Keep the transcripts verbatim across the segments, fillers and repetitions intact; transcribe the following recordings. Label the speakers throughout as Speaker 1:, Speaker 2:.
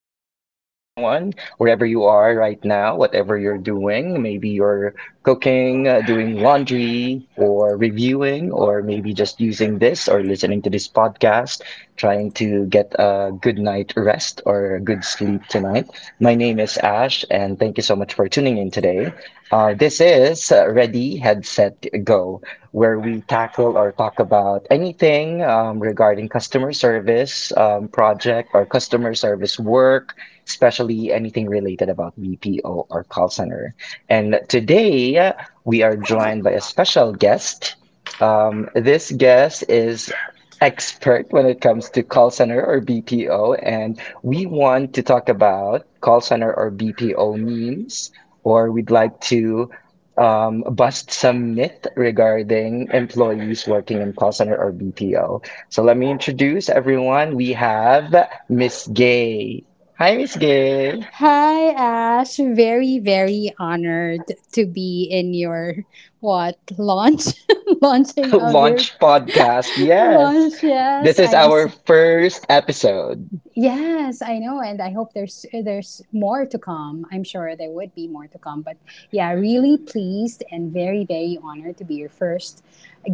Speaker 1: or good evening, everyone, wherever you are right now, whatever you're doing. Maybe you're cooking, uh, doing laundry, or reviewing, or maybe just using this or listening to this podcast, trying to get a good night rest or a good sleep tonight. My name is Ash, and thank you so much for tuning in today. Uh, this is uh, Ready, Headset, Go, where we tackle or talk about anything um, regarding customer service, um, project or customer service work, especially anything related about B P O or call center. And today, uh, we are joined by a special guest. Um, this guest is expert when it comes to call center or B P O, and we want to talk about call center or B P O memes, or we'd like to um, bust some myth regarding employees working in call center or B P O. So let me introduce everyone. We have Miss Gay. Hi, Miss Gay.
Speaker 2: Hi, Ash. Very, very honored to be in your what launch launching of your
Speaker 1: Launch podcast. Yes.
Speaker 2: launch.
Speaker 1: This
Speaker 2: Yes,
Speaker 1: is
Speaker 2: I am.
Speaker 1: our
Speaker 2: So,
Speaker 1: first episode.
Speaker 2: yes, I know, and I hope there's there's more to come. I'm sure there would be more to come, but yeah, really pleased and very, very honored to be your first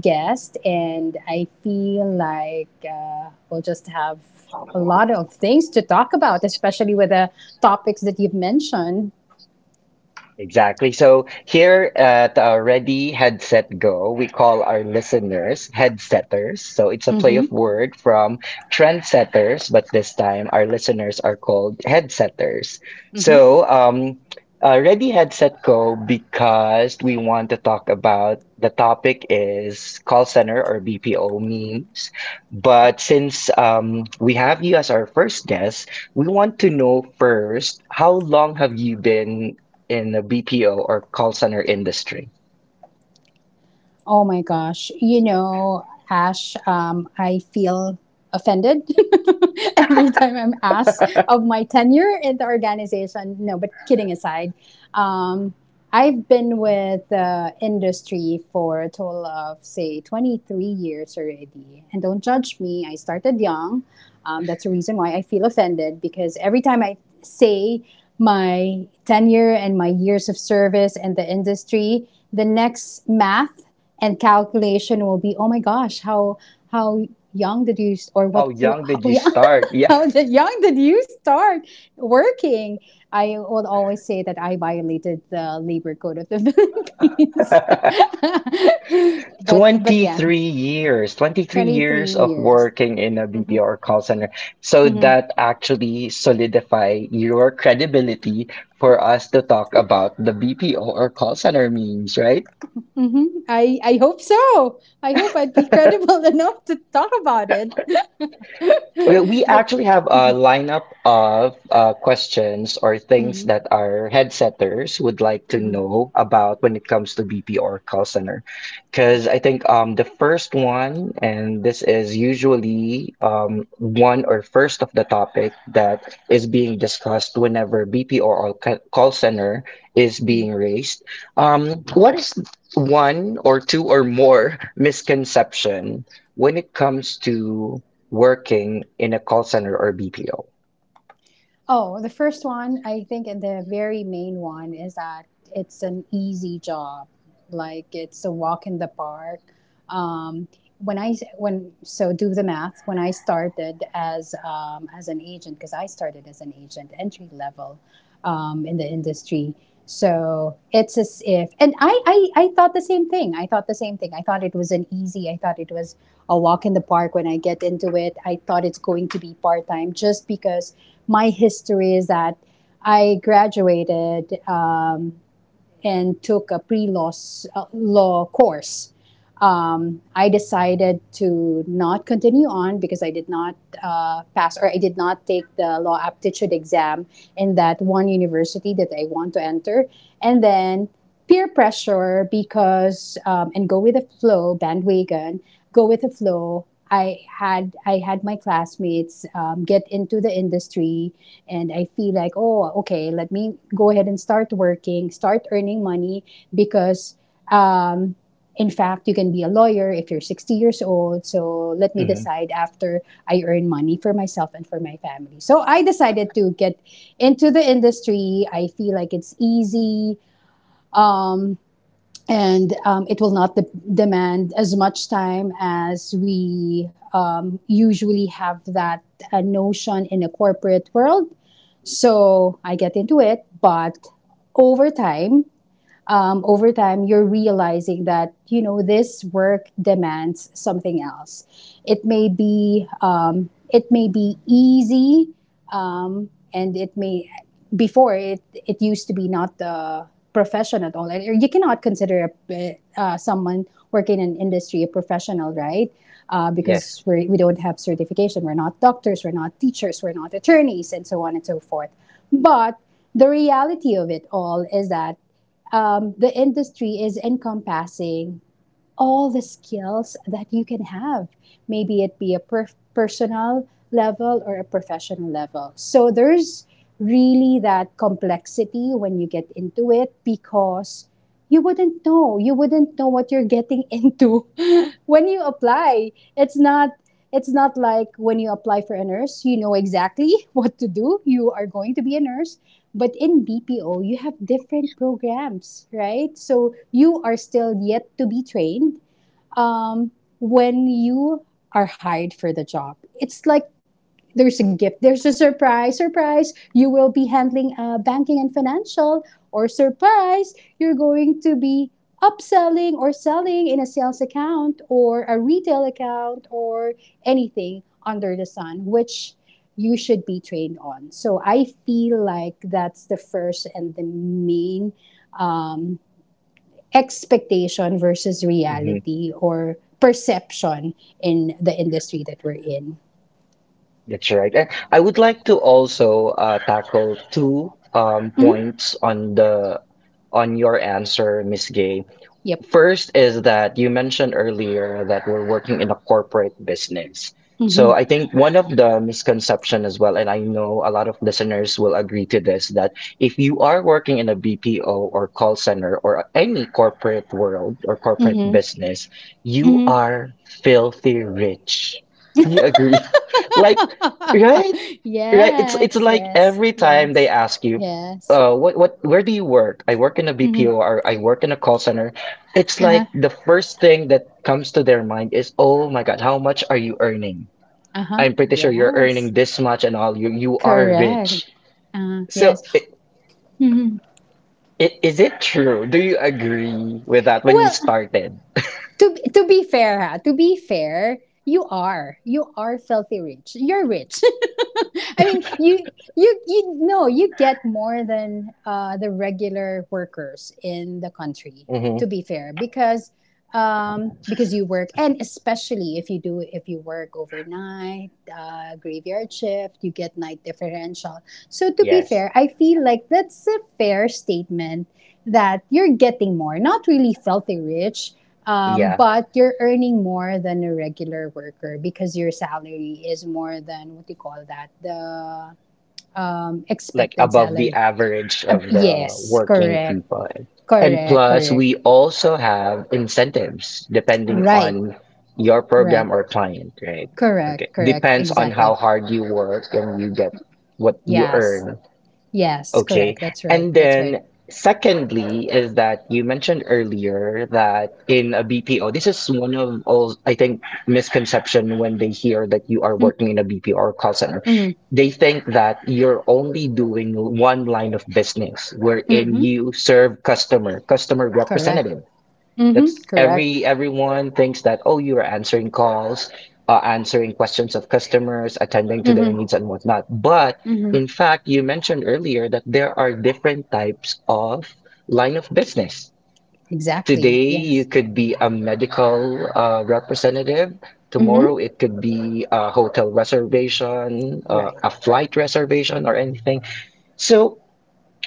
Speaker 2: guest, and I feel like uh, we'll just have a lot of things to talk about, especially with the topics that you've mentioned.
Speaker 1: Exactly. So here at uh, Ready, Headset, Go, we call our listeners headsetters. So it's a play of
Speaker 2: Mm-hmm.
Speaker 1: word from trendsetters, but this time our listeners are called headsetters. So
Speaker 2: Mm-hmm.
Speaker 1: um, uh, Ready, Headset, Go, because we want to talk about the topic is call center or B P O memes. But since um, we have you as our first guest, we want to know first, how long have you been in the B P O or call center industry?
Speaker 2: Oh my gosh. You know, Ash, um, I feel offended every time I'm asked of my tenure in the organization. No, but kidding aside, Um, I've been with the industry for a total of, say, twenty-three years already. And don't judge me, I started young. Um, that's the reason why I feel offended because every time I say my tenure and my years of service in the industry, the next math and calculation will be, oh my gosh, how, how young did you, or
Speaker 1: How
Speaker 2: what, what
Speaker 1: young
Speaker 2: how
Speaker 1: did you
Speaker 2: young,
Speaker 1: start? Yeah.
Speaker 2: how young did you start working? I would always say that I violated the labor code of the Philippines. but but yeah,
Speaker 1: twenty-three years, twenty-three
Speaker 2: twenty-three
Speaker 1: years of
Speaker 2: years.
Speaker 1: working in a B P O or call center. So that actually solidify your credibility for us to talk about the B P O or call center memes, right?
Speaker 2: Hmm. I, I hope so. I hope I'd be credible enough to talk about it.
Speaker 1: Okay, we
Speaker 2: But
Speaker 1: actually have a
Speaker 2: mhm,
Speaker 1: lineup of uh, questions or
Speaker 2: mhm,
Speaker 1: things that our headsetters would like to
Speaker 2: mhm,
Speaker 1: know about when it comes to B P or call center. Because
Speaker 2: okay.
Speaker 1: I think, um, the first one, and this is usually, um, one or first of the topic that is being discussed whenever B P or ca- call center is
Speaker 2: Mhm.
Speaker 1: being raised. Um, what is one or two or more misconception when it comes to working in a call center or B P O.
Speaker 2: Oh, the first one, I think, and the very main one is that it's an easy job. Like it's a walk in the park. Um, when I when so do the math. When I started as um, as an agent, because I started as an agent, entry level um, in the industry. So it's as if, and I, I, I thought the same thing. I thought the same thing. I thought it was an easy, I thought it was a walk in the park when I get into it. I thought it's going to be part time just because my history is that I graduated um, and took a pre-law s- uh, law course. Um, I decided to not continue on because I did not uh, pass or I did not take the law aptitude exam in that one university that I want to enter. And then peer pressure because um, and go with the flow bandwagon go with the flow i had i had my classmates um, get into the industry and I feel like, oh, okay, let me go ahead and start working, start earning money because, um, in fact, you can be a lawyer if you're sixty years old. So let me
Speaker 1: hmm
Speaker 2: decide after I earn money for myself and for my family. So I decided to get into the industry. I feel like it's easy. Um, and um, It will not de- demand as much time as we um, usually have that uh, notion in a corporate world. So I get into it, but over time, um, over time, you're realizing that, you know, this work demands something else. It may be, um, it may be easy, um, and it may, before it, it used to be not the profession at all. And you cannot consider a, uh, someone working in an industry a professional, right? Uh, because
Speaker 1: Yes,
Speaker 2: we're, we we do not have certification. We're not doctors, we're not teachers, we're not attorneys, and so on and so forth. But the reality of it all is that um, the industry is encompassing all the skills that you can have. Maybe it be a per- personal level or a professional level. So there's really that complexity when you get into it because you wouldn't know you wouldn't know what you're getting into when you apply, it's not it's not like when you apply for a nurse, you know exactly what to do. You are going to be a nurse, but in B P O you have different programs, right? So you are still yet to be trained, um, when you are hired for the job. It's like there's a gift. There's a surprise. Surprise. You will be handling uh, banking and financial. Or surprise, you're going to be upselling or selling in a sales account or a retail account or anything under the sun, which you should be trained on. So I feel like that's the first and the main um, expectation versus
Speaker 1: hmm
Speaker 2: reality or perception in the industry that we're in.
Speaker 1: that's right. And I would like to also uh, tackle two um,
Speaker 2: Mhm.
Speaker 1: points on the on your answer, Miss Gay.
Speaker 2: Yep.
Speaker 1: First is that you mentioned earlier that we're working in a corporate business. So
Speaker 2: Mhm.
Speaker 1: I think one of the misconception as well, and I know a lot of listeners will agree to this, that if you are working in a B P O or call center or any corporate world or corporate
Speaker 2: Hmm.
Speaker 1: business, you
Speaker 2: Hmm.
Speaker 1: are filthy rich. Do you agree? Like, right? Right? It's it's
Speaker 2: Yes,
Speaker 1: like
Speaker 2: yes,
Speaker 1: every time they
Speaker 2: yes,
Speaker 1: ask you,
Speaker 2: yes.
Speaker 1: uh, what what where do you work? I work in a
Speaker 2: Hmm.
Speaker 1: B P O or I work in a call center. It's
Speaker 2: Uh-huh.
Speaker 1: like the first thing that comes to their mind is, oh my God, how much are you earning?
Speaker 2: Uh-huh.
Speaker 1: I'm pretty sure you're
Speaker 2: Yes.
Speaker 1: earning this much and all. You you are
Speaker 2: Correct.
Speaker 1: rich.
Speaker 2: Uh, yes.
Speaker 1: So i
Speaker 2: Hmm.
Speaker 1: i- is it true? Do you agree with that when you
Speaker 2: Well,
Speaker 1: started?
Speaker 2: to be- to be fair, ha, to be fair, you are you are filthy rich. You're rich. I mean, you you you no, you get more than uh, the regular workers in the country.
Speaker 1: Mm-hmm.
Speaker 2: To be fair, because um, because you work, and especially if you do if you work overnight, uh, graveyard shift, you get night differential. So to be
Speaker 1: Yes.
Speaker 2: fair, I feel like that's a fair statement that you're getting more, not really filthy rich, um,
Speaker 1: Yeah.
Speaker 2: but you're earning more than a regular worker because your salary is more than what do you call that, the um,
Speaker 1: Like
Speaker 2: expected
Speaker 1: above the
Speaker 2: salary.
Speaker 1: average
Speaker 2: Uh,
Speaker 1: of the
Speaker 2: yes,
Speaker 1: working
Speaker 2: correct,
Speaker 1: people. And
Speaker 2: correct,
Speaker 1: plus,
Speaker 2: correct.
Speaker 1: we also have incentives depending
Speaker 2: Right,
Speaker 1: on your
Speaker 2: right.
Speaker 1: program or client, right? Okay.
Speaker 2: Correct, correct,
Speaker 1: Depends on how
Speaker 2: exactly.
Speaker 1: hard you work and you get what you
Speaker 2: Yes,
Speaker 1: earn.
Speaker 2: yes,
Speaker 1: Okay.
Speaker 2: correct. That's right,
Speaker 1: And
Speaker 2: that's right.
Speaker 1: then secondly is that you mentioned earlier that in a B P O, this is one of all, I think, misconception when they hear that you are working in a B P O or call center.
Speaker 2: Mm-hmm.
Speaker 1: They think that you're only doing one line of business wherein
Speaker 2: Mm-hmm.
Speaker 1: you serve customer, customer
Speaker 2: Correct.
Speaker 1: representative.
Speaker 2: Mm-hmm.
Speaker 1: That's
Speaker 2: Correct.
Speaker 1: every everyone thinks that, oh, you are answering calls, uh, answering questions of customers, attending to their
Speaker 2: Mm-hmm.
Speaker 1: needs and whatnot. But
Speaker 2: Mm-hmm.
Speaker 1: in fact, you mentioned earlier that there are different types of line of business.
Speaker 2: Exactly.
Speaker 1: Today, you
Speaker 2: Yes.
Speaker 1: could be a medical uh, representative. Tomorrow,
Speaker 2: Mm-hmm.
Speaker 1: it could be a hotel reservation, uh,
Speaker 2: Right.
Speaker 1: a flight reservation, or anything. So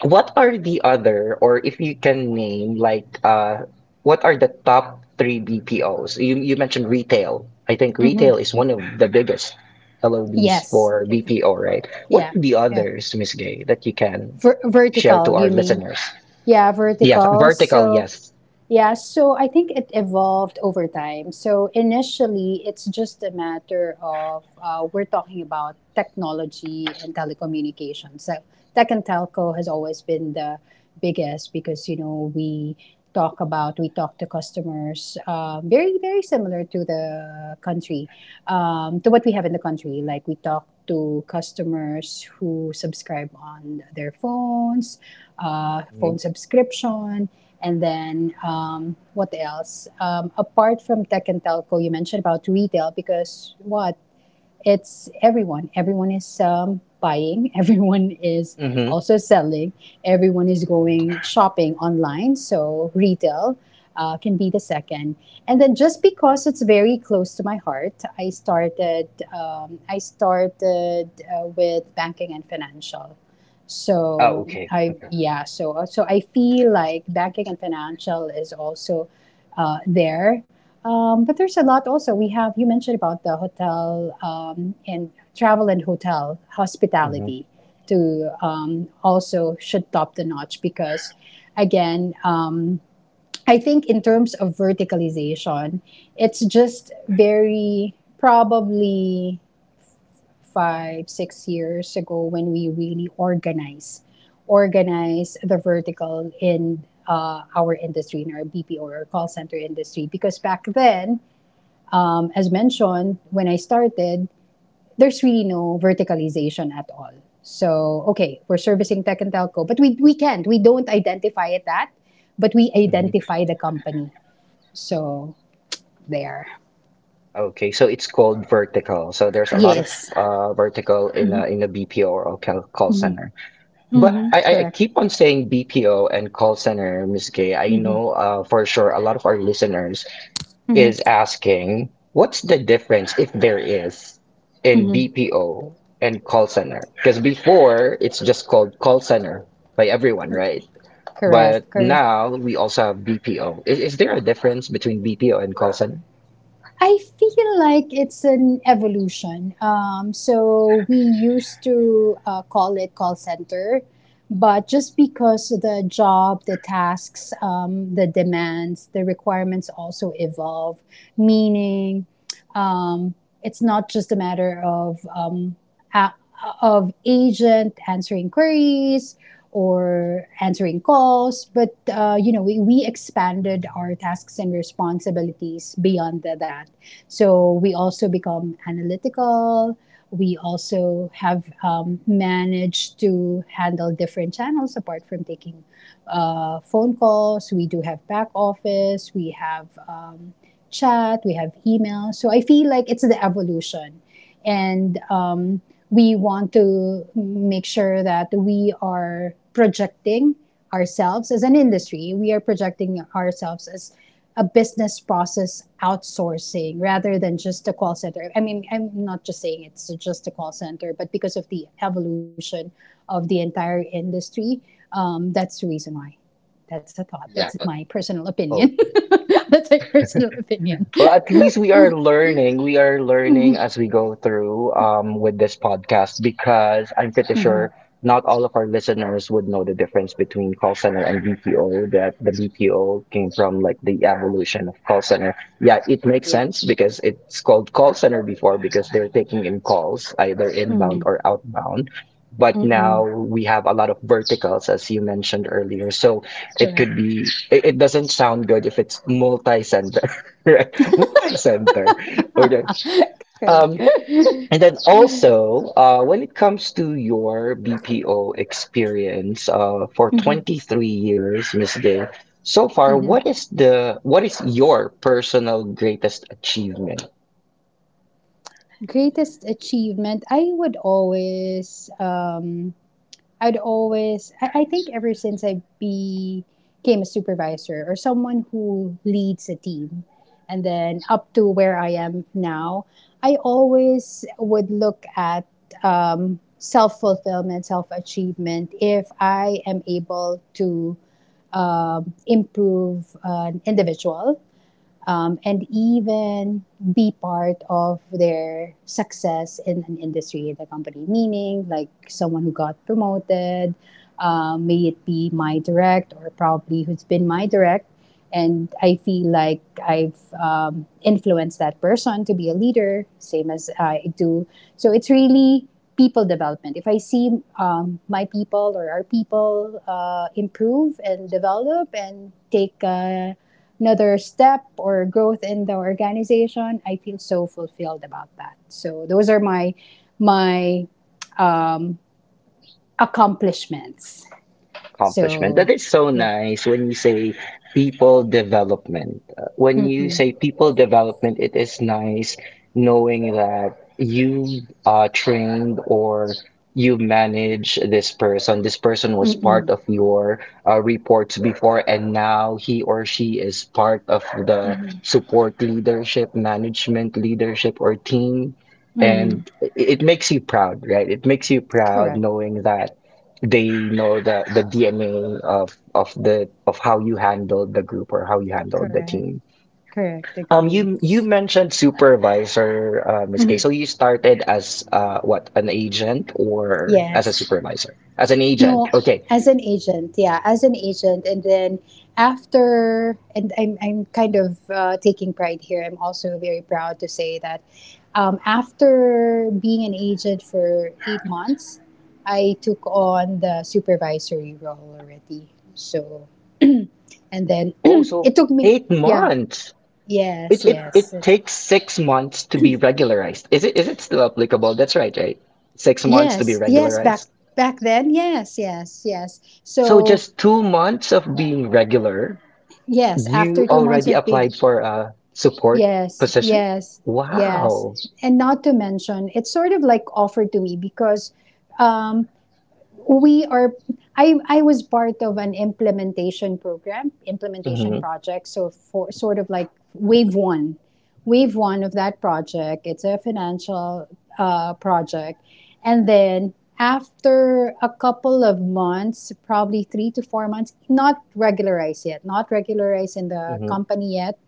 Speaker 1: what are the other, or if you can name, like, uh, what are the top three B P Os? You you mentioned retail. I think
Speaker 2: Mm-hmm.
Speaker 1: retail is one of the biggest L O Bs
Speaker 2: Yes,
Speaker 1: for
Speaker 2: if,
Speaker 1: B P O, right? What
Speaker 2: yeah,
Speaker 1: are the
Speaker 2: yeah.
Speaker 1: others, Miss Gay, that you can
Speaker 2: Ver-
Speaker 1: share to
Speaker 2: vertical,
Speaker 1: our
Speaker 2: you mean?
Speaker 1: listeners?
Speaker 2: Yeah,
Speaker 1: Yeah,
Speaker 2: vertical.
Speaker 1: vertical,
Speaker 2: So
Speaker 1: yes.
Speaker 2: yeah, so I think it evolved over time. So initially, it's just a matter of, uh, we're talking about technology and telecommunications. So tech and telco has always been the biggest, because you know, we talk about we talk to customers, um, very very similar to the country, um, to what we have in the country. Like we talk to customers who subscribe on their phones, uh,
Speaker 1: Mm-hmm.
Speaker 2: phone subscription. And then um, what else? Um, apart from tech and telco, you mentioned about retail because what, it's everyone. Everyone is um, buying, everyone is
Speaker 1: Mm-hmm.
Speaker 2: also selling, everyone is going shopping online. So, retail uh, can be the second. And then, just because it's very close to my heart, I started, um, I started uh, with banking and financial.
Speaker 1: Oh,
Speaker 2: So
Speaker 1: okay.
Speaker 2: I yeah so so I feel like banking and financial is also uh, there, um, but there's a lot also. We have, you mentioned about the hotel, um, and travel and hotel
Speaker 1: hmm
Speaker 2: hospitality to um, also should top the notch because, again, um, I think in terms of verticalization, it's just very probably five, six years ago when we really organize organize the vertical in uh, our industry, in our B P O or call center industry, because back then, as mentioned, when I started, there's really no verticalization at all. So, okay, we're servicing tech and telco, but we, we can't. We don't identify it that, but we
Speaker 1: hmm
Speaker 2: identify the company. So, there.
Speaker 1: Okay, so it's called vertical. So there's a lot of
Speaker 2: Yes.
Speaker 1: uh, vertical in a in a B P O or call call
Speaker 2: Mm-hmm.
Speaker 1: center.
Speaker 2: Mm-hmm.
Speaker 1: But I,
Speaker 2: Correct.
Speaker 1: I keep on saying B P O and call center, Miss Gay. I
Speaker 2: Mm-hmm.
Speaker 1: know uh, for sure a lot of our listeners
Speaker 2: Mm-hmm.
Speaker 1: is asking, what's the difference, if there is, in
Speaker 2: Mm-hmm.
Speaker 1: B P O and call center? Because before it's just called call center by everyone, right?
Speaker 2: Correct.
Speaker 1: But
Speaker 2: Correct.
Speaker 1: now we also have B P O. Is, is there a difference between B P O and call center?
Speaker 2: I feel like it's an evolution. Um, so we used to uh, call it call center, but just because the job, the tasks, um, the demands, the requirements also evolve, meaning um, it's not just a matter of um, a- of agent answering queries, or answering calls. But, uh, you know, we, we expanded our tasks and responsibilities beyond the, that. So we also become analytical. We also have um, managed to handle different channels apart from taking uh, phone calls. We do have back office. We have um, chat, we have email. So I feel like it's the evolution. And um, we want to make sure that we are projecting ourselves as an industry, we are projecting ourselves as a business process outsourcing rather than just a call center. I mean, I'm not just saying it's just a call center, but because of the evolution of the entire industry, um, that's the reason why. That's a thought.
Speaker 1: Yeah.
Speaker 2: That's
Speaker 1: uh,
Speaker 2: my personal
Speaker 1: Oh.
Speaker 2: opinion. That's my personal opinion.
Speaker 1: Well, at least we are learning. We are learning as we go through, um, with this podcast because I'm pretty sure not all of our listeners would know the difference between call center and B P O, that the B P O came from like the evolution of call center. Yeah, it makes
Speaker 2: Yep.
Speaker 1: sense because it's called call center before because they're taking in calls, either inbound
Speaker 2: Mm.
Speaker 1: or outbound. But
Speaker 2: Mm-mm.
Speaker 1: now we have a lot of verticals, as you mentioned earlier. So it
Speaker 2: Correct.
Speaker 1: could be it, it doesn't sound good if it's multi. Right. Motor center. Okay.
Speaker 2: Correct.
Speaker 1: Um, and then also, uh, when it comes to your B P O experience, uh, for
Speaker 2: Mm-hmm.
Speaker 1: twenty-three years, Miss Gay, so far,
Speaker 2: Mm-hmm.
Speaker 1: what is the what is your personal greatest achievement?
Speaker 2: Greatest achievement. I would always, um, I'd always, I, I think ever since I became a supervisor or someone who leads a team and then up to where I am now, I always would look at um, self fulfillment, self achievement if I am able to um, improve an individual um, and even be part of their success in an industry in the company. Meaning, like someone who got promoted, um, may it be my direct or probably who's been my direct. And I feel like I've um, influenced that person to be a leader, same as I do. So it's really people development. If I see um, my people or our people uh, improve and develop and take uh, another step or growth in the organization, I feel so fulfilled about that. So those are my my um, accomplishments.
Speaker 1: Accomplishment. That
Speaker 2: So,
Speaker 1: is so
Speaker 2: yep.
Speaker 1: nice when you say people development. Uh, When you
Speaker 2: Mm-mm.
Speaker 1: say people development, it is nice knowing that you uh, trained or you manage this person. This person was part
Speaker 2: Mm-mm.
Speaker 1: of your uh, reports before, and now he or she is part of the
Speaker 2: Mm-hmm.
Speaker 1: support leadership, management leadership, or team.
Speaker 2: Mm-hmm.
Speaker 1: And it it makes you proud, right? It makes you proud
Speaker 2: Correct.
Speaker 1: knowing that they know the the D N A of of the of how you handled the group or how you handled the
Speaker 2: Correct.
Speaker 1: team.
Speaker 2: Correct.
Speaker 1: Um,
Speaker 2: Agree.
Speaker 1: you you mentioned supervisor, uh, Miss Kay.
Speaker 2: Mm-hmm.
Speaker 1: So you started as uh, what an agent or as a
Speaker 2: Yes.
Speaker 1: supervisor? As an agent,
Speaker 2: No,
Speaker 1: okay.
Speaker 2: as an agent, yeah, as an agent, and then after, and I'm I'm kind of uh, taking pride here. I'm also very proud to say that um, after being an agent for eight months, I took on the supervisory role already. So, and then
Speaker 1: Oh, so
Speaker 2: it took me,
Speaker 1: eight
Speaker 2: yeah,
Speaker 1: months.
Speaker 2: yes,
Speaker 1: It it
Speaker 2: yes,
Speaker 1: it
Speaker 2: it's,
Speaker 1: takes six months to be regularized. Is it is it still applicable? That's right, right? Six months to be
Speaker 2: yes, yes, back
Speaker 1: regularized.
Speaker 2: back then, yes, yes, yes.
Speaker 1: So
Speaker 2: So,
Speaker 1: just two months of being regular.
Speaker 2: yes, after
Speaker 1: You
Speaker 2: two months
Speaker 1: already
Speaker 2: of being.
Speaker 1: applied for a support
Speaker 2: Yes,
Speaker 1: position?
Speaker 2: yes, yes.
Speaker 1: Wow.
Speaker 2: And not to mention, it's sort of like offered to me because um, we are, I, I was part of an implementation program, implementation
Speaker 1: hmm
Speaker 2: project. So, for sort of like wave one, wave one of that project, it's a financial uh, project. And then after a couple of months, probably three to four months, not regularized yet, not regularized in the
Speaker 1: hmm
Speaker 2: company yet,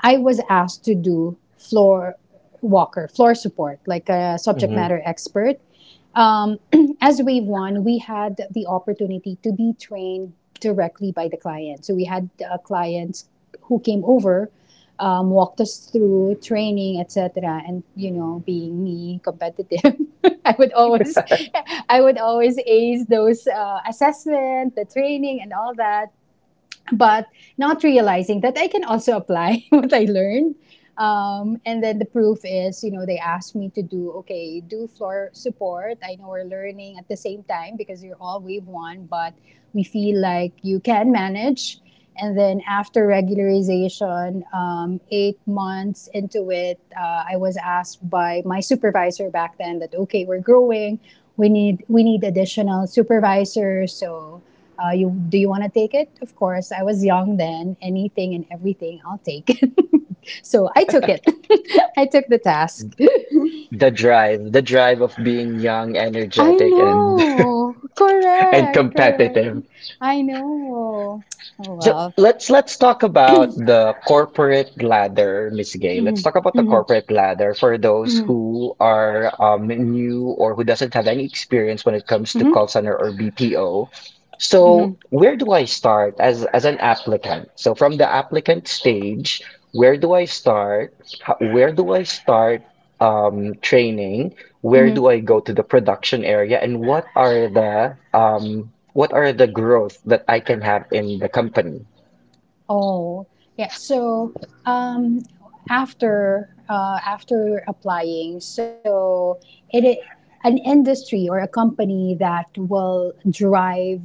Speaker 2: I was asked to do floor walker, floor support, like a subject
Speaker 1: hmm
Speaker 2: matter expert. Um, as Wave One, we had the opportunity to be trained directly by the client. So we had uh, clients who came over, um, walked us through training, et cetera. And you know, being me competitive, I would always, I would always ace those uh, assessment, the training, and all that. But not realizing that I can also apply what I learned, um, and then the proof is, you know, they asked me to do, okay, do floor support. I know we're learning at the same time because you're all wave one, but we feel like you can manage. And then after regularization, um, eight months into it, uh, I was asked by my supervisor back then that, okay, we're growing. We need, we need additional supervisors. So, uh, you, do you want to take it? Of course, I was young then. Anything and everything, I'll take it. So I took it. I took the task.
Speaker 1: The drive, the drive of being young,
Speaker 2: I
Speaker 1: energetic, and
Speaker 2: know.
Speaker 1: and
Speaker 2: Correct. Correct.
Speaker 1: competitive.
Speaker 2: I know. Oh
Speaker 1: So
Speaker 2: well.
Speaker 1: let's let's talk about the corporate ladder, Miss Gay. Let's
Speaker 2: Mm-hmm.
Speaker 1: talk about the
Speaker 2: Mm-hmm.
Speaker 1: corporate ladder for those
Speaker 2: Mm-hmm.
Speaker 1: who are um, new or who doesn't have any experience when it comes to call center or B P O.
Speaker 2: Mm-hmm.
Speaker 1: So where do I start as as an applicant? So from the applicant stage, where do I start? How, where do I start um, training? Where
Speaker 2: Mm-hmm.
Speaker 1: do I go to the production area and what are the um what are the growth that I can have in the company?
Speaker 2: Oh, yeah. So um, after uh, after applying, so it, it an industry or a company that will drive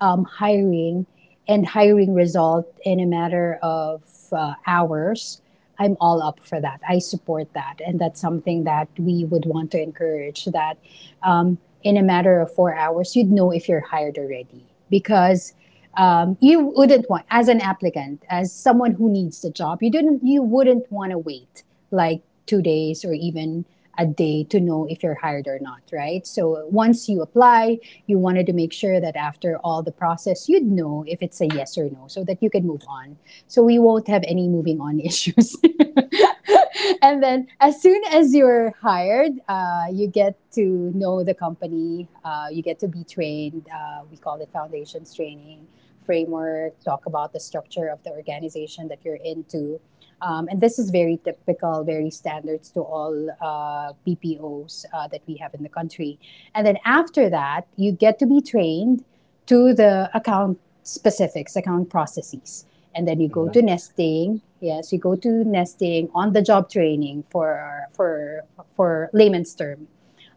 Speaker 2: um, hiring and hiring result in a matter of uh, hours. I'm all up for that. I support that, and that's something that we would want to encourage. That um, in a matter of four hours, you'd know if you're hired already, because um, you wouldn't want, as an applicant, as someone who needs the job, you didn't you wouldn't want to wait like two days or even a day to know if you're hired or not, right? So once you apply, you wanted to make sure that after all the process, you'd know if it's a yes or no so that you could move on. So we won't have any moving on issues. And then as soon as you're hired, uh, you get to know the company. Uh, you get to be trained. Uh, we call it foundations training framework, talk about the structure of the organization that you're into. Um, and this is very typical, very standards to all uh, P P Os uh, that we have in the country. And then after that, you get to be trained to the account specifics, account processes. And then you go
Speaker 1: Mhm.
Speaker 2: to nesting. Yes, you go to nesting, on the job training, for for for layman's term,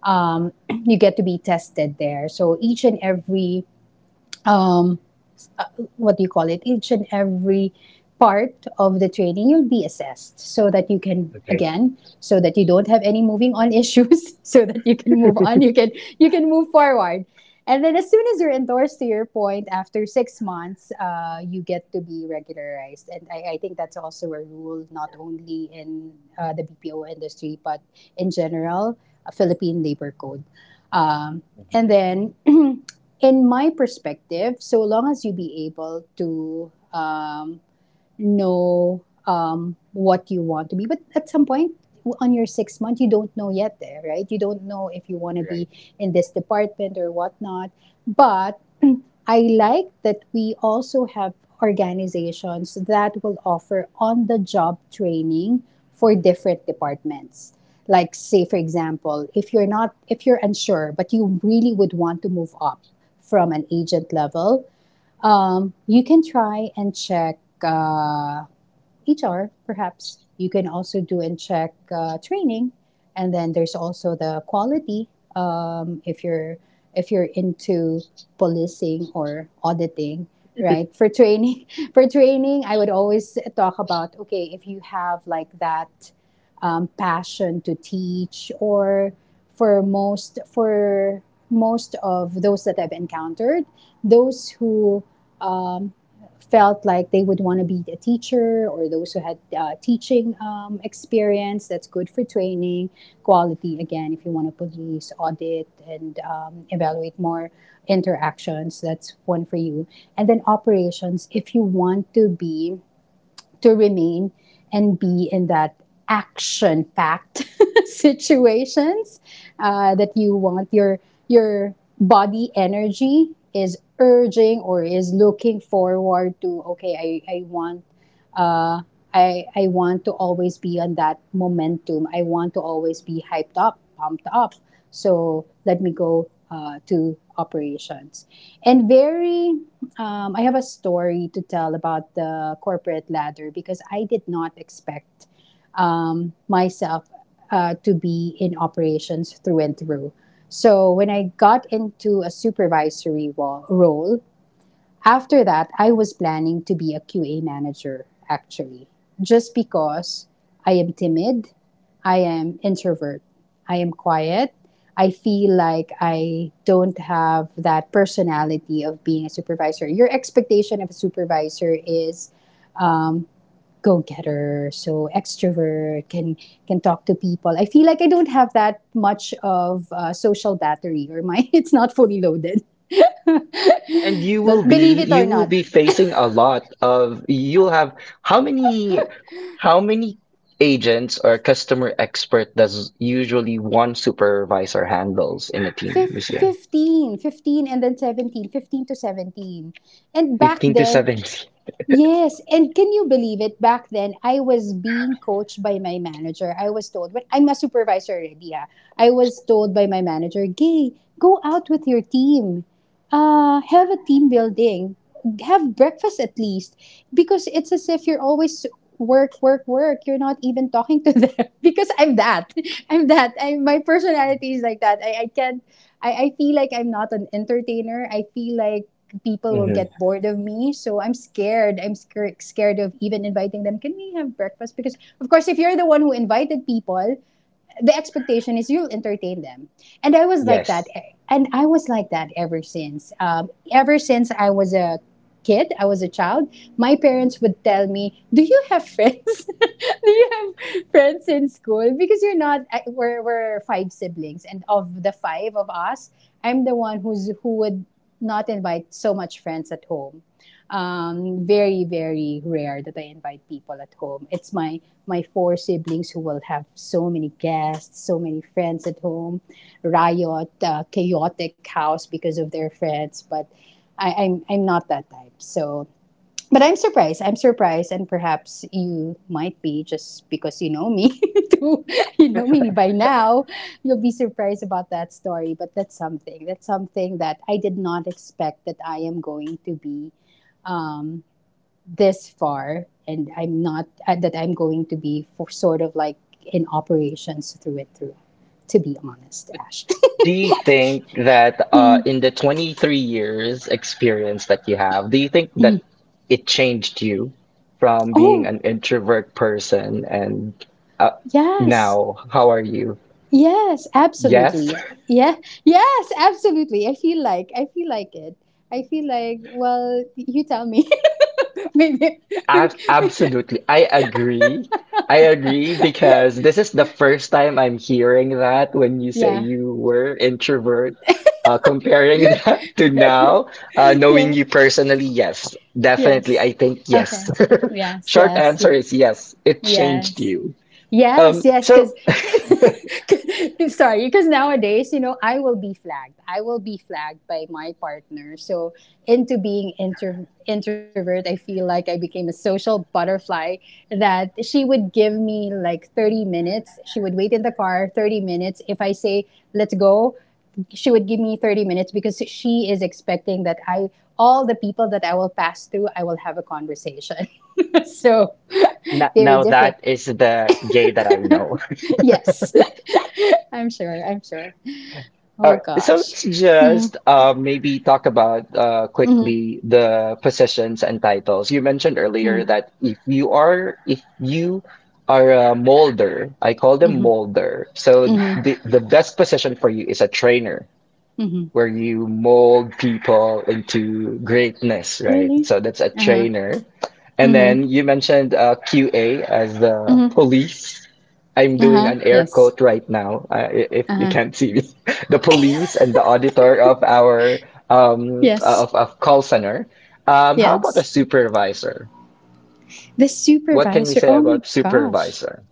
Speaker 2: um, you get to be tested there. So each and every um, uh, what do you call it, each and every part of the training, you'll be assessed so that you can,
Speaker 1: Okay.
Speaker 2: again, so that you don't have any moving on issues, so that you can move on, you can you can move forward. And then as soon as you're endorsed to your point, after six months, uh, you get to be regularized. And I, I think that's also a rule, not only in uh, the B P O industry, but in general, uh, Philippine labor code. Um,
Speaker 1: Mhm.
Speaker 2: and then in my perspective, so long as you be able to um, know um, what you want to be, but at some point on your six month, you don't know yet, there, right? You don't know if you want to be
Speaker 1: Right.
Speaker 2: in this department or whatnot. But I like that we also have organizations that will offer on the job training for different departments. Like, say, for example, if you're not, if you're unsure, but you really would want to move up from an agent level, um, you can try and check. Uh, H R, perhaps you can also do and check uh, training, and then there's also the quality. Um, if you're if you're into policing or auditing, right? For training, for training, I would always talk about, okay, if you have like that um, passion to teach, or for most for most of those that I've encountered, those who um, felt like they would want to be a teacher, or those who had uh, teaching um, experience, that's good for training. Quality, again, if you want to police, audit, and um, evaluate more interactions, that's one for you. And then operations, if you want to be to remain and be in that action packed situations, uh, that you want your your body energy is urging, or is looking forward to, okay, i, I want uh, I, I want to always be on that momentum. I want to always be hyped up, pumped up, so let me go uh, to operations. And very, um, I have a story to tell about the corporate ladder because I did not expect um, myself uh, to be in operations through and through. So when I got into a supervisory wo- role, after that, I was planning to be a Q A manager, actually, just because I am timid, I am introvert, I am quiet. I feel like I don't have that personality of being a supervisor. Your expectation of a supervisor is um, go getter, so extrovert, can can talk to people. I feel like I don't have that much of uh, social battery, or my it's not fully loaded.
Speaker 1: And you
Speaker 2: But
Speaker 1: will be
Speaker 2: believe it
Speaker 1: you
Speaker 2: or
Speaker 1: will
Speaker 2: not,
Speaker 1: be facing a lot of you'll have how many how many agents or customer expert does usually one supervisor handles in a team,
Speaker 2: Fif-
Speaker 1: Lucia?
Speaker 2: fifteen, fifteen, and then seventeen, fifteen to seventeen. And back
Speaker 1: fifteen to
Speaker 2: then,
Speaker 1: 70.
Speaker 2: yes, and can you believe it? Back then, I was being coached by my manager. I was told, when I'm a supervisor already, ah, I was told by my manager, "Gay, go out with your team. Uh, have a team building. Have breakfast at least. Because it's as if you're always work, work, work. You're not even talking to them." Because I'm that. I'm that. I, my personality is like that. I, I can't. I, I feel like I'm not an entertainer. I feel like people will get
Speaker 1: hmm
Speaker 2: bored of me. So I'm scared. I'm scared scared of even inviting them. Can we have breakfast? Because of course, if you're the one who invited people, the expectation is you'll entertain them. And I was like that.
Speaker 1: Yes.
Speaker 2: eh, And I was like that ever since. Um, ever since I was a kid, I was a child, my parents would tell me, "Do you have friends?" "Do you have friends in school?" Because you're not, I- we're, we're five siblings. And of the five of us, I'm the one who's who would not invite so much friends at home. Um, very very rare that I invite people at home. It's my my four siblings who will have so many guests, so many friends at home, riot, uh, chaotic house because of their friends. But I, I'm I'm not that type. So, but I'm surprised. I'm surprised, and perhaps you might be just because you know me too. You know me by now. You'll be surprised about that story. But that's something. That's something that I did not expect that I am going to be. Um, this far, and I'm not uh, that I'm going to be, for sort of like in operations through it through, to be honest, Ash.
Speaker 1: Do you think that uh,
Speaker 2: Hmm.
Speaker 1: in the twenty-three years experience that you have, do you think that it changed you from being
Speaker 2: Oh,
Speaker 1: an introvert person and uh,
Speaker 2: yes,
Speaker 1: now how are you?
Speaker 2: yes, absolutely,
Speaker 1: Yes,
Speaker 2: yeah, yeah, yes, absolutely. I feel like I feel like it, I feel like well, you tell me. Maybe.
Speaker 1: ab absolutely. I agree. I agree because this is the first time I'm hearing that when you say
Speaker 2: Yeah,
Speaker 1: you were introvert. Uh, comparing that to now, uh, knowing
Speaker 2: yeah,
Speaker 1: you personally, yes, definitely. I
Speaker 2: yes,
Speaker 1: think yes.
Speaker 2: okay, yes,
Speaker 1: Short
Speaker 2: yes,
Speaker 1: answer
Speaker 2: ye-
Speaker 1: is yes, it changed
Speaker 2: yes,
Speaker 1: you.
Speaker 2: yes,
Speaker 1: Um,
Speaker 2: yes,
Speaker 1: so
Speaker 2: because sorry, because nowadays, you know i will be flagged i will be flagged by my partner. So into being intro- introvert, I feel like I became a social butterfly, that she would give me like thirty minutes. She would wait in the car thirty minutes if I say, "Let's go." She would give me thirty minutes because she is expecting that, I all the people that I will pass through, I will have a conversation. So
Speaker 1: No,
Speaker 2: very
Speaker 1: no,
Speaker 2: different.
Speaker 1: that is the gay that I know.
Speaker 2: Yes. I'm sure. I'm sure.
Speaker 1: All
Speaker 2: Oh
Speaker 1: right, so
Speaker 2: gosh.
Speaker 1: let's
Speaker 2: Hmm.
Speaker 1: just uh, maybe talk about uh,
Speaker 2: Hmm,
Speaker 1: quickly the positions and titles. You mentioned earlier
Speaker 2: hmm,
Speaker 1: that if you are if you are a molder, I call them
Speaker 2: hmm,
Speaker 1: molder. So
Speaker 2: hmm,
Speaker 1: the the best position for you is a trainer,
Speaker 2: hmm.
Speaker 1: where you mold people into greatness, right?
Speaker 2: Really?
Speaker 1: So that's a
Speaker 2: Uh-huh.
Speaker 1: trainer. And
Speaker 2: Hmm,
Speaker 1: then you mentioned uh, Q A as the
Speaker 2: hmm.
Speaker 1: police. I'm doing
Speaker 2: Uh-huh.
Speaker 1: an air
Speaker 2: Yes.
Speaker 1: quote right now, uh, i- if you
Speaker 2: Uh-huh.
Speaker 1: can't see me. The police and the auditor of our um, uh,
Speaker 2: Yes.
Speaker 1: of, of call center. Um, how about a
Speaker 2: Yes.
Speaker 1: supervisor?
Speaker 2: The
Speaker 1: What can you
Speaker 2: supervisor.
Speaker 1: say
Speaker 2: Oh my
Speaker 1: about
Speaker 2: gosh.
Speaker 1: supervisor?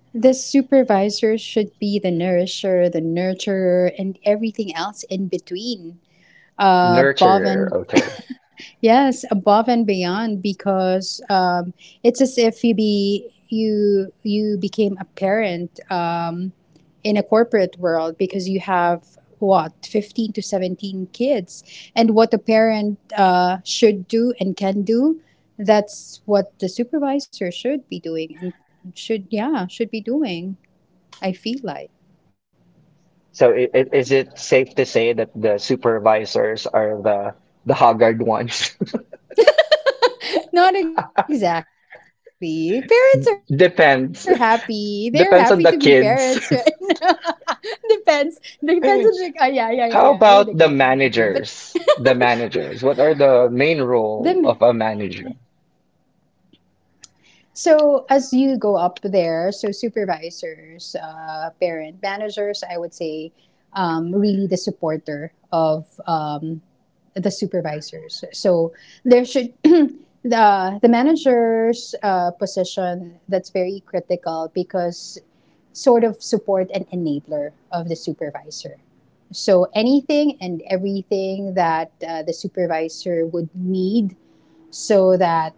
Speaker 2: The supervisor should be the nourisher, the nurturer, and everything else in between. Uh, above
Speaker 1: Nurturer,
Speaker 2: and
Speaker 1: okay.
Speaker 2: Yes, above and beyond, because um, it's as if you be you you became a parent um, in a corporate world, because you have what, fifteen to seventeen kids, and what a parent uh, should do and can do, that's what the supervisor should be doing and should yeah should be doing i feel like
Speaker 1: So i i- is it safe to say that the supervisors are the the haggard ones?
Speaker 2: Not exactly. Parents are happy. They're happy to be
Speaker 1: Depends.
Speaker 2: parents right now.
Speaker 1: Depends on the kids.
Speaker 2: depends. Depends on the. ah, yeah, yeah, yeah, yeah. I would agree. I would agree. But
Speaker 1: How about the managers? The managers. What are
Speaker 2: the
Speaker 1: the main role of a manager?
Speaker 2: So as you go up there, so supervisors, uh, parent managers, I would say, um, really the supporter of um, the supervisors. So there should, the the manager's uh, position, that's very critical, because sort of support and enabler of the supervisor. So anything and everything that uh, the supervisor would need, so that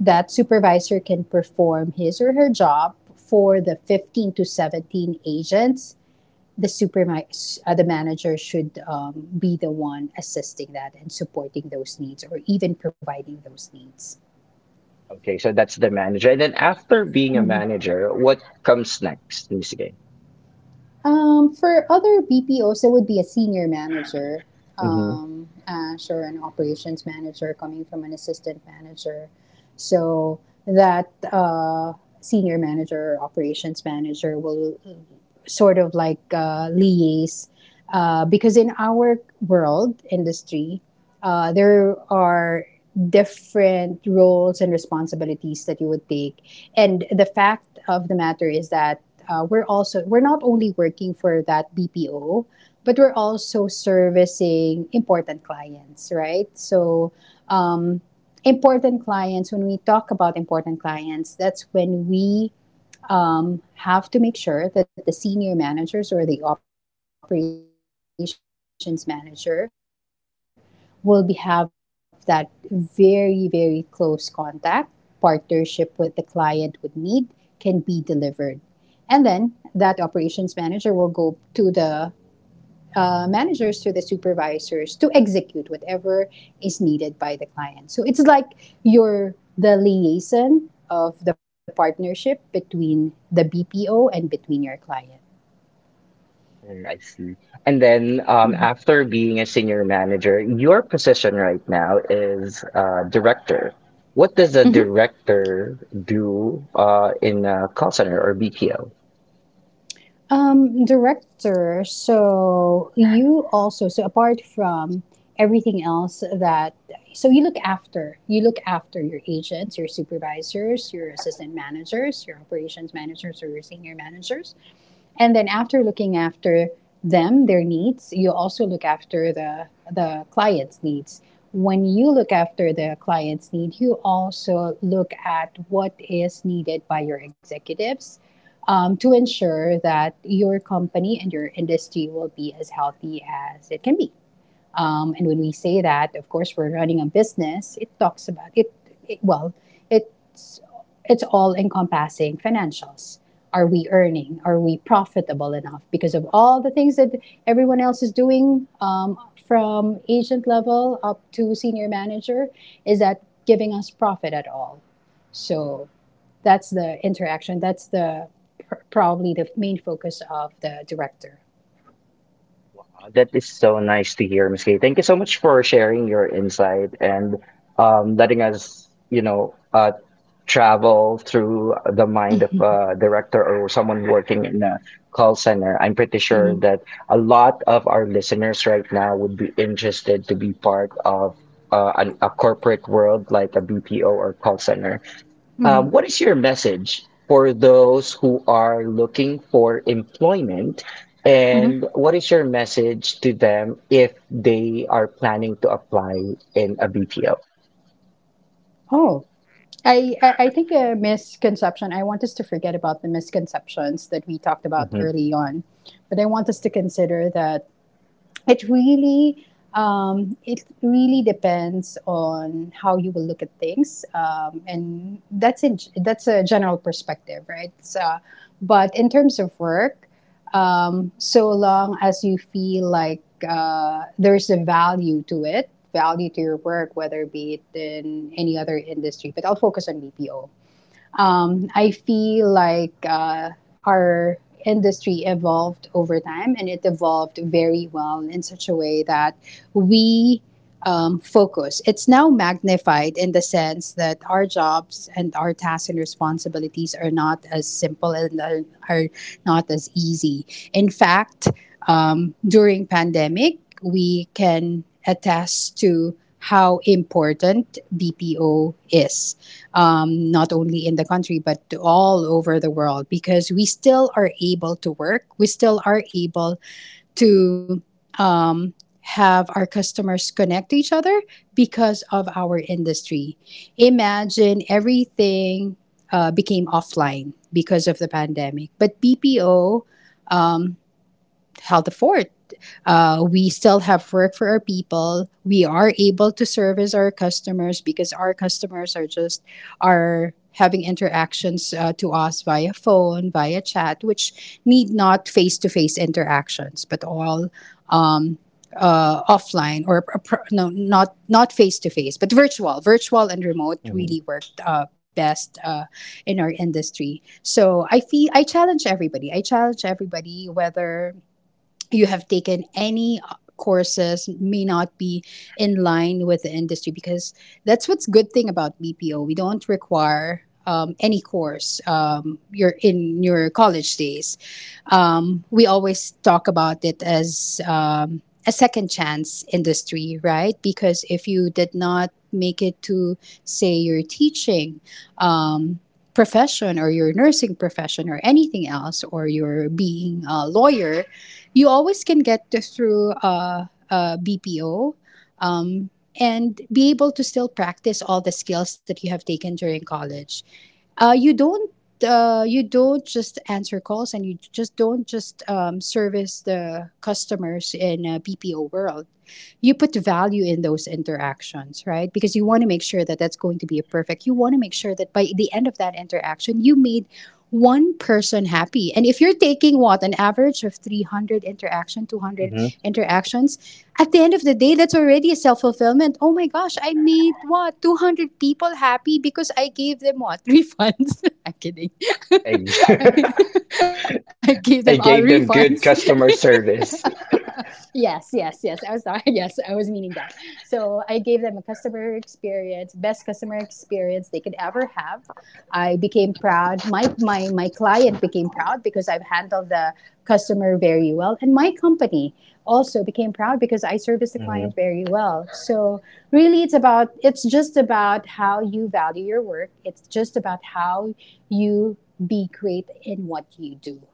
Speaker 2: that supervisor can perform his or her job for the fifteen to seventeen agents the supermi- uh, the manager should um, be the one assisting that and supporting those needs, or even providing those needs.
Speaker 1: Okay, so that's the manager. And then after being a
Speaker 2: Mm-hmm.
Speaker 1: manager, what comes next, Miss Gay?
Speaker 2: Um, for other bpos, it would be a senior manager,
Speaker 1: Mm-hmm.
Speaker 2: um, ash, or an operations manager, coming from an assistant manager. So that uh, senior manager or operations manager will sort of like uh, liaise, uh, because in our world industry, uh, there are different roles and responsibilities that you would take, and the fact of the matter is that uh, we're also we're not only working for that B P O, but we're also servicing important clients, right? So. Um, Important clients, when we talk about important clients, that's when we um, have to make sure that the senior managers or the operations manager will be, have that very, very close contact, partnership with the client, so that everything and anything that the client would need can be delivered, and then that operations manager will go to the uh, managers, to the supervisors, to execute whatever is needed by the client. So it's like you're the liaison of the partnership between the B P O and between your client.
Speaker 1: I see. And then
Speaker 2: Mm-hmm.
Speaker 1: um, after being a senior manager, your position right now is uh, director. What does
Speaker 2: Mm-hmm.
Speaker 1: a director do uh, in a call center or B P O?
Speaker 2: Um, director, so you also, so apart from everything else that, so you look after, you look after your agents, your supervisors, your assistant managers, your operations managers, or your senior managers. And then after looking after them, their needs, you also look after the the client's needs. When you look after the client's need, you also look at what is needed by your executives, um, to ensure that your company and your industry will be as healthy as it can be. Um, and when we say that, of course, we're running a business. It talks about it. it well, it's it's all encompassing, financials. Are we earning? Are we profitable enough? Because of all the things that everyone else is doing, um, from agent level up to senior manager, is that giving us profit at all? So that's the interaction. That's the pr- probably the main focus of the director.
Speaker 1: That is so nice to hear, Miss Kay. Thank you so much for sharing your insight and, um, letting us, you know, uh, travel through the mind of a director or someone working in a call center. I'm pretty
Speaker 2: Mm-hmm.
Speaker 1: sure that a lot of our listeners right now would be interested to be part of uh, an, a corporate world like a B P O or call center. Uh,
Speaker 2: Mm-hmm.
Speaker 1: what is your message for those who are looking for employment?
Speaker 2: Mm-hmm.
Speaker 1: And what is your message to them if they are planning to apply in a B P O?
Speaker 2: Oh, I, I I think a misconception. I want us to forget about the misconceptions that we talked about
Speaker 1: hmm
Speaker 2: early on, but I want us to consider that it really, um, it really depends on how you will look at things, um, and that's in, that's a general perspective, right? So, but in terms of work, um, so long as you feel like uh, there's a value to it, value to your work, whether be it in any other industry, but I'll focus on bpo. um, I feel like uh, our industry evolved over time, and it evolved very well, in such a way that we, um, focus. It's now magnified, in the sense that our jobs and our tasks and responsibilities are not as simple, and are- are not as easy. In fact, um, during pandemic, we can attest to how important B P O is, um, not only in the country but all over the world, because we still are able to work. We still are able to um, have our customers connect to each other because of our industry. Imagine everything uh, became offline because of the pandemic, but B P O, um, held the fort. Uh, we still have work for our people. We are able to service our customers, because our customers are just are having interactions uh, to us via phone, via chat, which need not face to face interactions, but all, um, uh, offline or a pro- no, not not face to face, but virtual, virtual and remote
Speaker 1: hmm
Speaker 2: really worked uh, best uh, in our industry. So I feel I challenge everybody. I challenge everybody, whether you have taken any courses, may not be in line with the industry, because that's what's good thing about B P O. We don't require um, any course, um, you're in your college days. Um, we always talk about it as um, a second chance industry, right? Because if you did not make it to say your teaching um, profession, or your nursing profession, or anything else, or your being a lawyer, you always can get to, through uh, uh, B P O, um, and be able to still practice all the skills that you have taken during college. Uh, you don't uh, you don't just answer calls, and you just don't just um, service the customers in a B P O world. You put value in those interactions, right? Because you want to make sure that that's going to be a perfect. You want to make sure that by the end of that interaction, you made one person happy. And if you're taking what, an average of three hundred interaction, two hundred
Speaker 1: hmm
Speaker 2: interactions, at the end of the day, that's already a self fulfillment. Oh my gosh, I made what? two hundred people happy, because I gave them what? Refunds. I'm kidding.
Speaker 1: I,
Speaker 2: I, I gave them all
Speaker 1: I gave
Speaker 2: refunds.
Speaker 1: them good customer service.
Speaker 2: Yes, yes, yes. I was sorry. Yes, I was meaning that. So I gave them a customer experience, best customer experience they could ever have. I became proud. My my my client became proud, because I've handled the customer very well, and my company also became proud, because I service the
Speaker 1: hmm
Speaker 2: client very well. So really, it's about it's just about how you value your work. It's just about how you be great in what you do.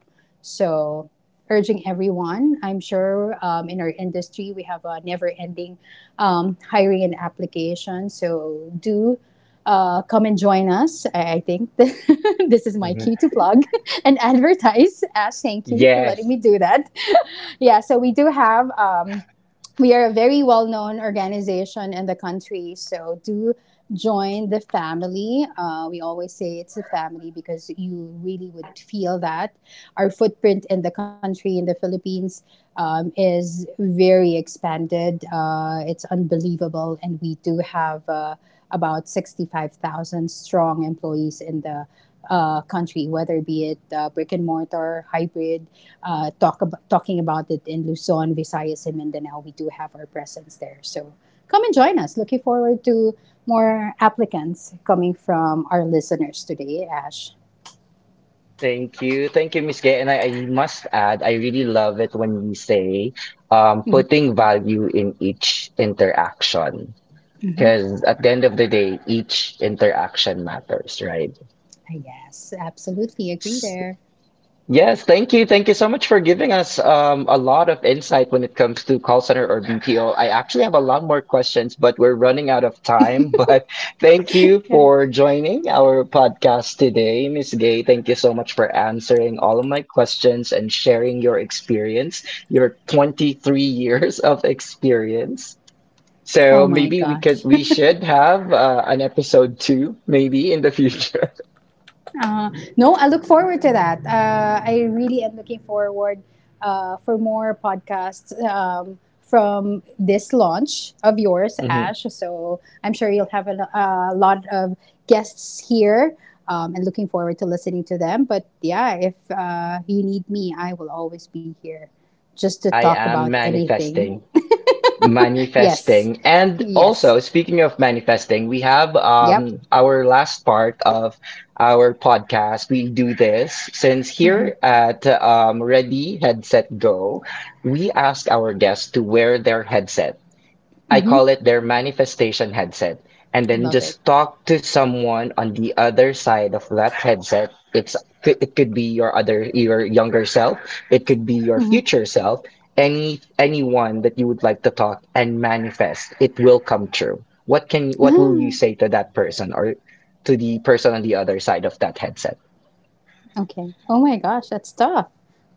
Speaker 2: So, urging everyone, I'm sure um, in our industry we have a never ending um, hiring and application. So, do uh, come and join us. I, I think, this is my
Speaker 1: hmm
Speaker 2: cue to plug and advertise. Ash, thank you for letting
Speaker 1: Yes,
Speaker 2: me do that. yeah, so we do have. Um, we are a very well known organization in the country, so do join the family. Uh, we always say it's a family, because you really would feel that. Our footprint in the country, in the Philippines, um, is very expanded. Uh, it's unbelievable, and we do have. Uh, about sixty-five thousand strong employees in the uh, country, whether be it uh, brick and mortar, hybrid, uh, talk ab- talking about it in Luzon, Visayas, and Mindanao. We do have our presence there. So come and join us. Looking forward to more applicants coming from our listeners today, Ash.
Speaker 1: thank you. Thank you, Miss Gay. And I, I must add, I really love it when we say, um,
Speaker 2: Mm-hmm.
Speaker 1: putting value in each interaction.
Speaker 2: Mm-hmm.
Speaker 1: Because at the end of the day, each interaction matters, right?
Speaker 2: Yes, absolutely agree
Speaker 1: S-
Speaker 2: there.
Speaker 1: Yes, thank you. Thank you so much for giving us, um, a lot of insight when it comes to call center or B P O. I actually have a lot more questions, but we're running out of time. But thank you
Speaker 2: Yeah.
Speaker 1: for joining our podcast today, Miss Gay. Thank you so much for answering all of my questions and sharing your experience, your twenty-three years of experience.
Speaker 2: Oh
Speaker 1: So
Speaker 2: my
Speaker 1: maybe we could
Speaker 2: gosh.
Speaker 1: we should have uh, an episode two maybe in the future.
Speaker 2: Uh, no, I look forward to that. Uh, I really am looking forward uh, for more podcasts, um, from this launch of yours,
Speaker 1: Mhm.
Speaker 2: Ash. So I'm sure you'll have a, lo- a lot of guests here, um, and looking forward to listening to them. But yeah, if uh, you need me, I will always be here, just to
Speaker 1: I
Speaker 2: talk about
Speaker 1: am
Speaker 2: anything.
Speaker 1: manifesting,
Speaker 2: Yes.
Speaker 1: manifesting, and
Speaker 2: Yes.
Speaker 1: also speaking of manifesting, we have
Speaker 2: Yep.
Speaker 1: um our last part of our podcast. We do this since
Speaker 2: Mm-hmm.
Speaker 1: here at um Ready Headset Go, we ask our guests to wear their headset. I
Speaker 2: Mm-hmm.
Speaker 1: call it their manifestation headset. And then
Speaker 2: Love it.
Speaker 1: just talk to someone on the other side of that headset. It's it could be your other your younger self. It could be your future self. Any anyone that you would like to talk and manifest, it will come true. What can what will you
Speaker 2: Mm-hmm.
Speaker 1: say to that person or to the person on the other side of that headset?
Speaker 2: Okay. Oh my gosh, that's tough.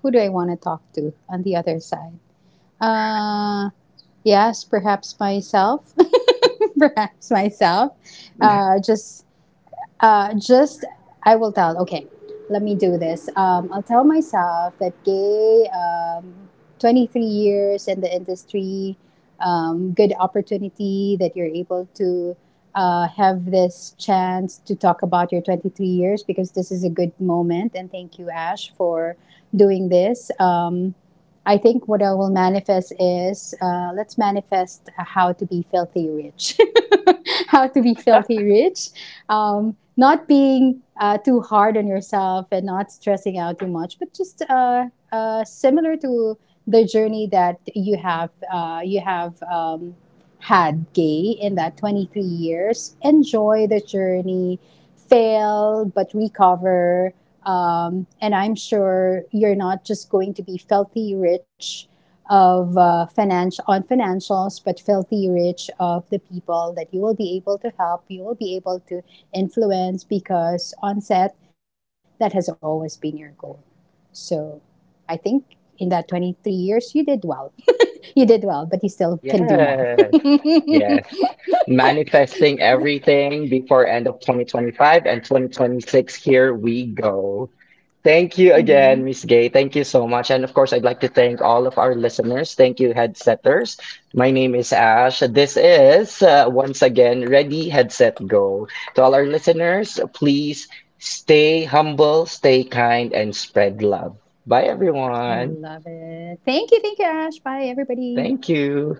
Speaker 2: Who do I want to talk to on the other side? Uh, yes, perhaps myself. perhaps myself. Uh, just uh, just I will tell. Okay, let me do this. Um, I'll tell myself that gay, um, twenty three years in the industry, um, good opportunity that you're able to uh, have this chance to talk about your twenty three years, because this is a good moment. And thank you, Ash, for doing this. Um, I think what I will manifest is uh, let's manifest how to be filthy rich. how to be filthy rich. Um, not being uh, too hard on yourself, and not stressing out too much, but just uh, uh, similar to the journey that you have uh, you have um, had, Gay, in that twenty-three years. Enjoy the journey, fail but recover. Um, and I'm sure you're not just going to be filthy rich of uh, finance on financials, but filthy rich of the people that you will be able to help, you will be able to influence, because on set, that has always been your goal. So I think in that twenty-three years you did well. You did well, but you still can
Speaker 1: Yes,
Speaker 2: do more.
Speaker 1: yes. Manifesting everything before end of twenty twenty-five and twenty twenty-six. Here we go. Thank you
Speaker 2: hmm
Speaker 1: again, Miss Gay. Thank you so much. And of course, I'd like to thank all of our listeners. Thank you, headsetters. My name is Ash. This is uh, once again Ready Headset Go. To all our listeners, please stay humble, stay kind, and spread love. Bye,
Speaker 2: I
Speaker 1: everyone.
Speaker 2: love it. Thank you, thank you, Ash. Bye, everybody.
Speaker 1: Thank you.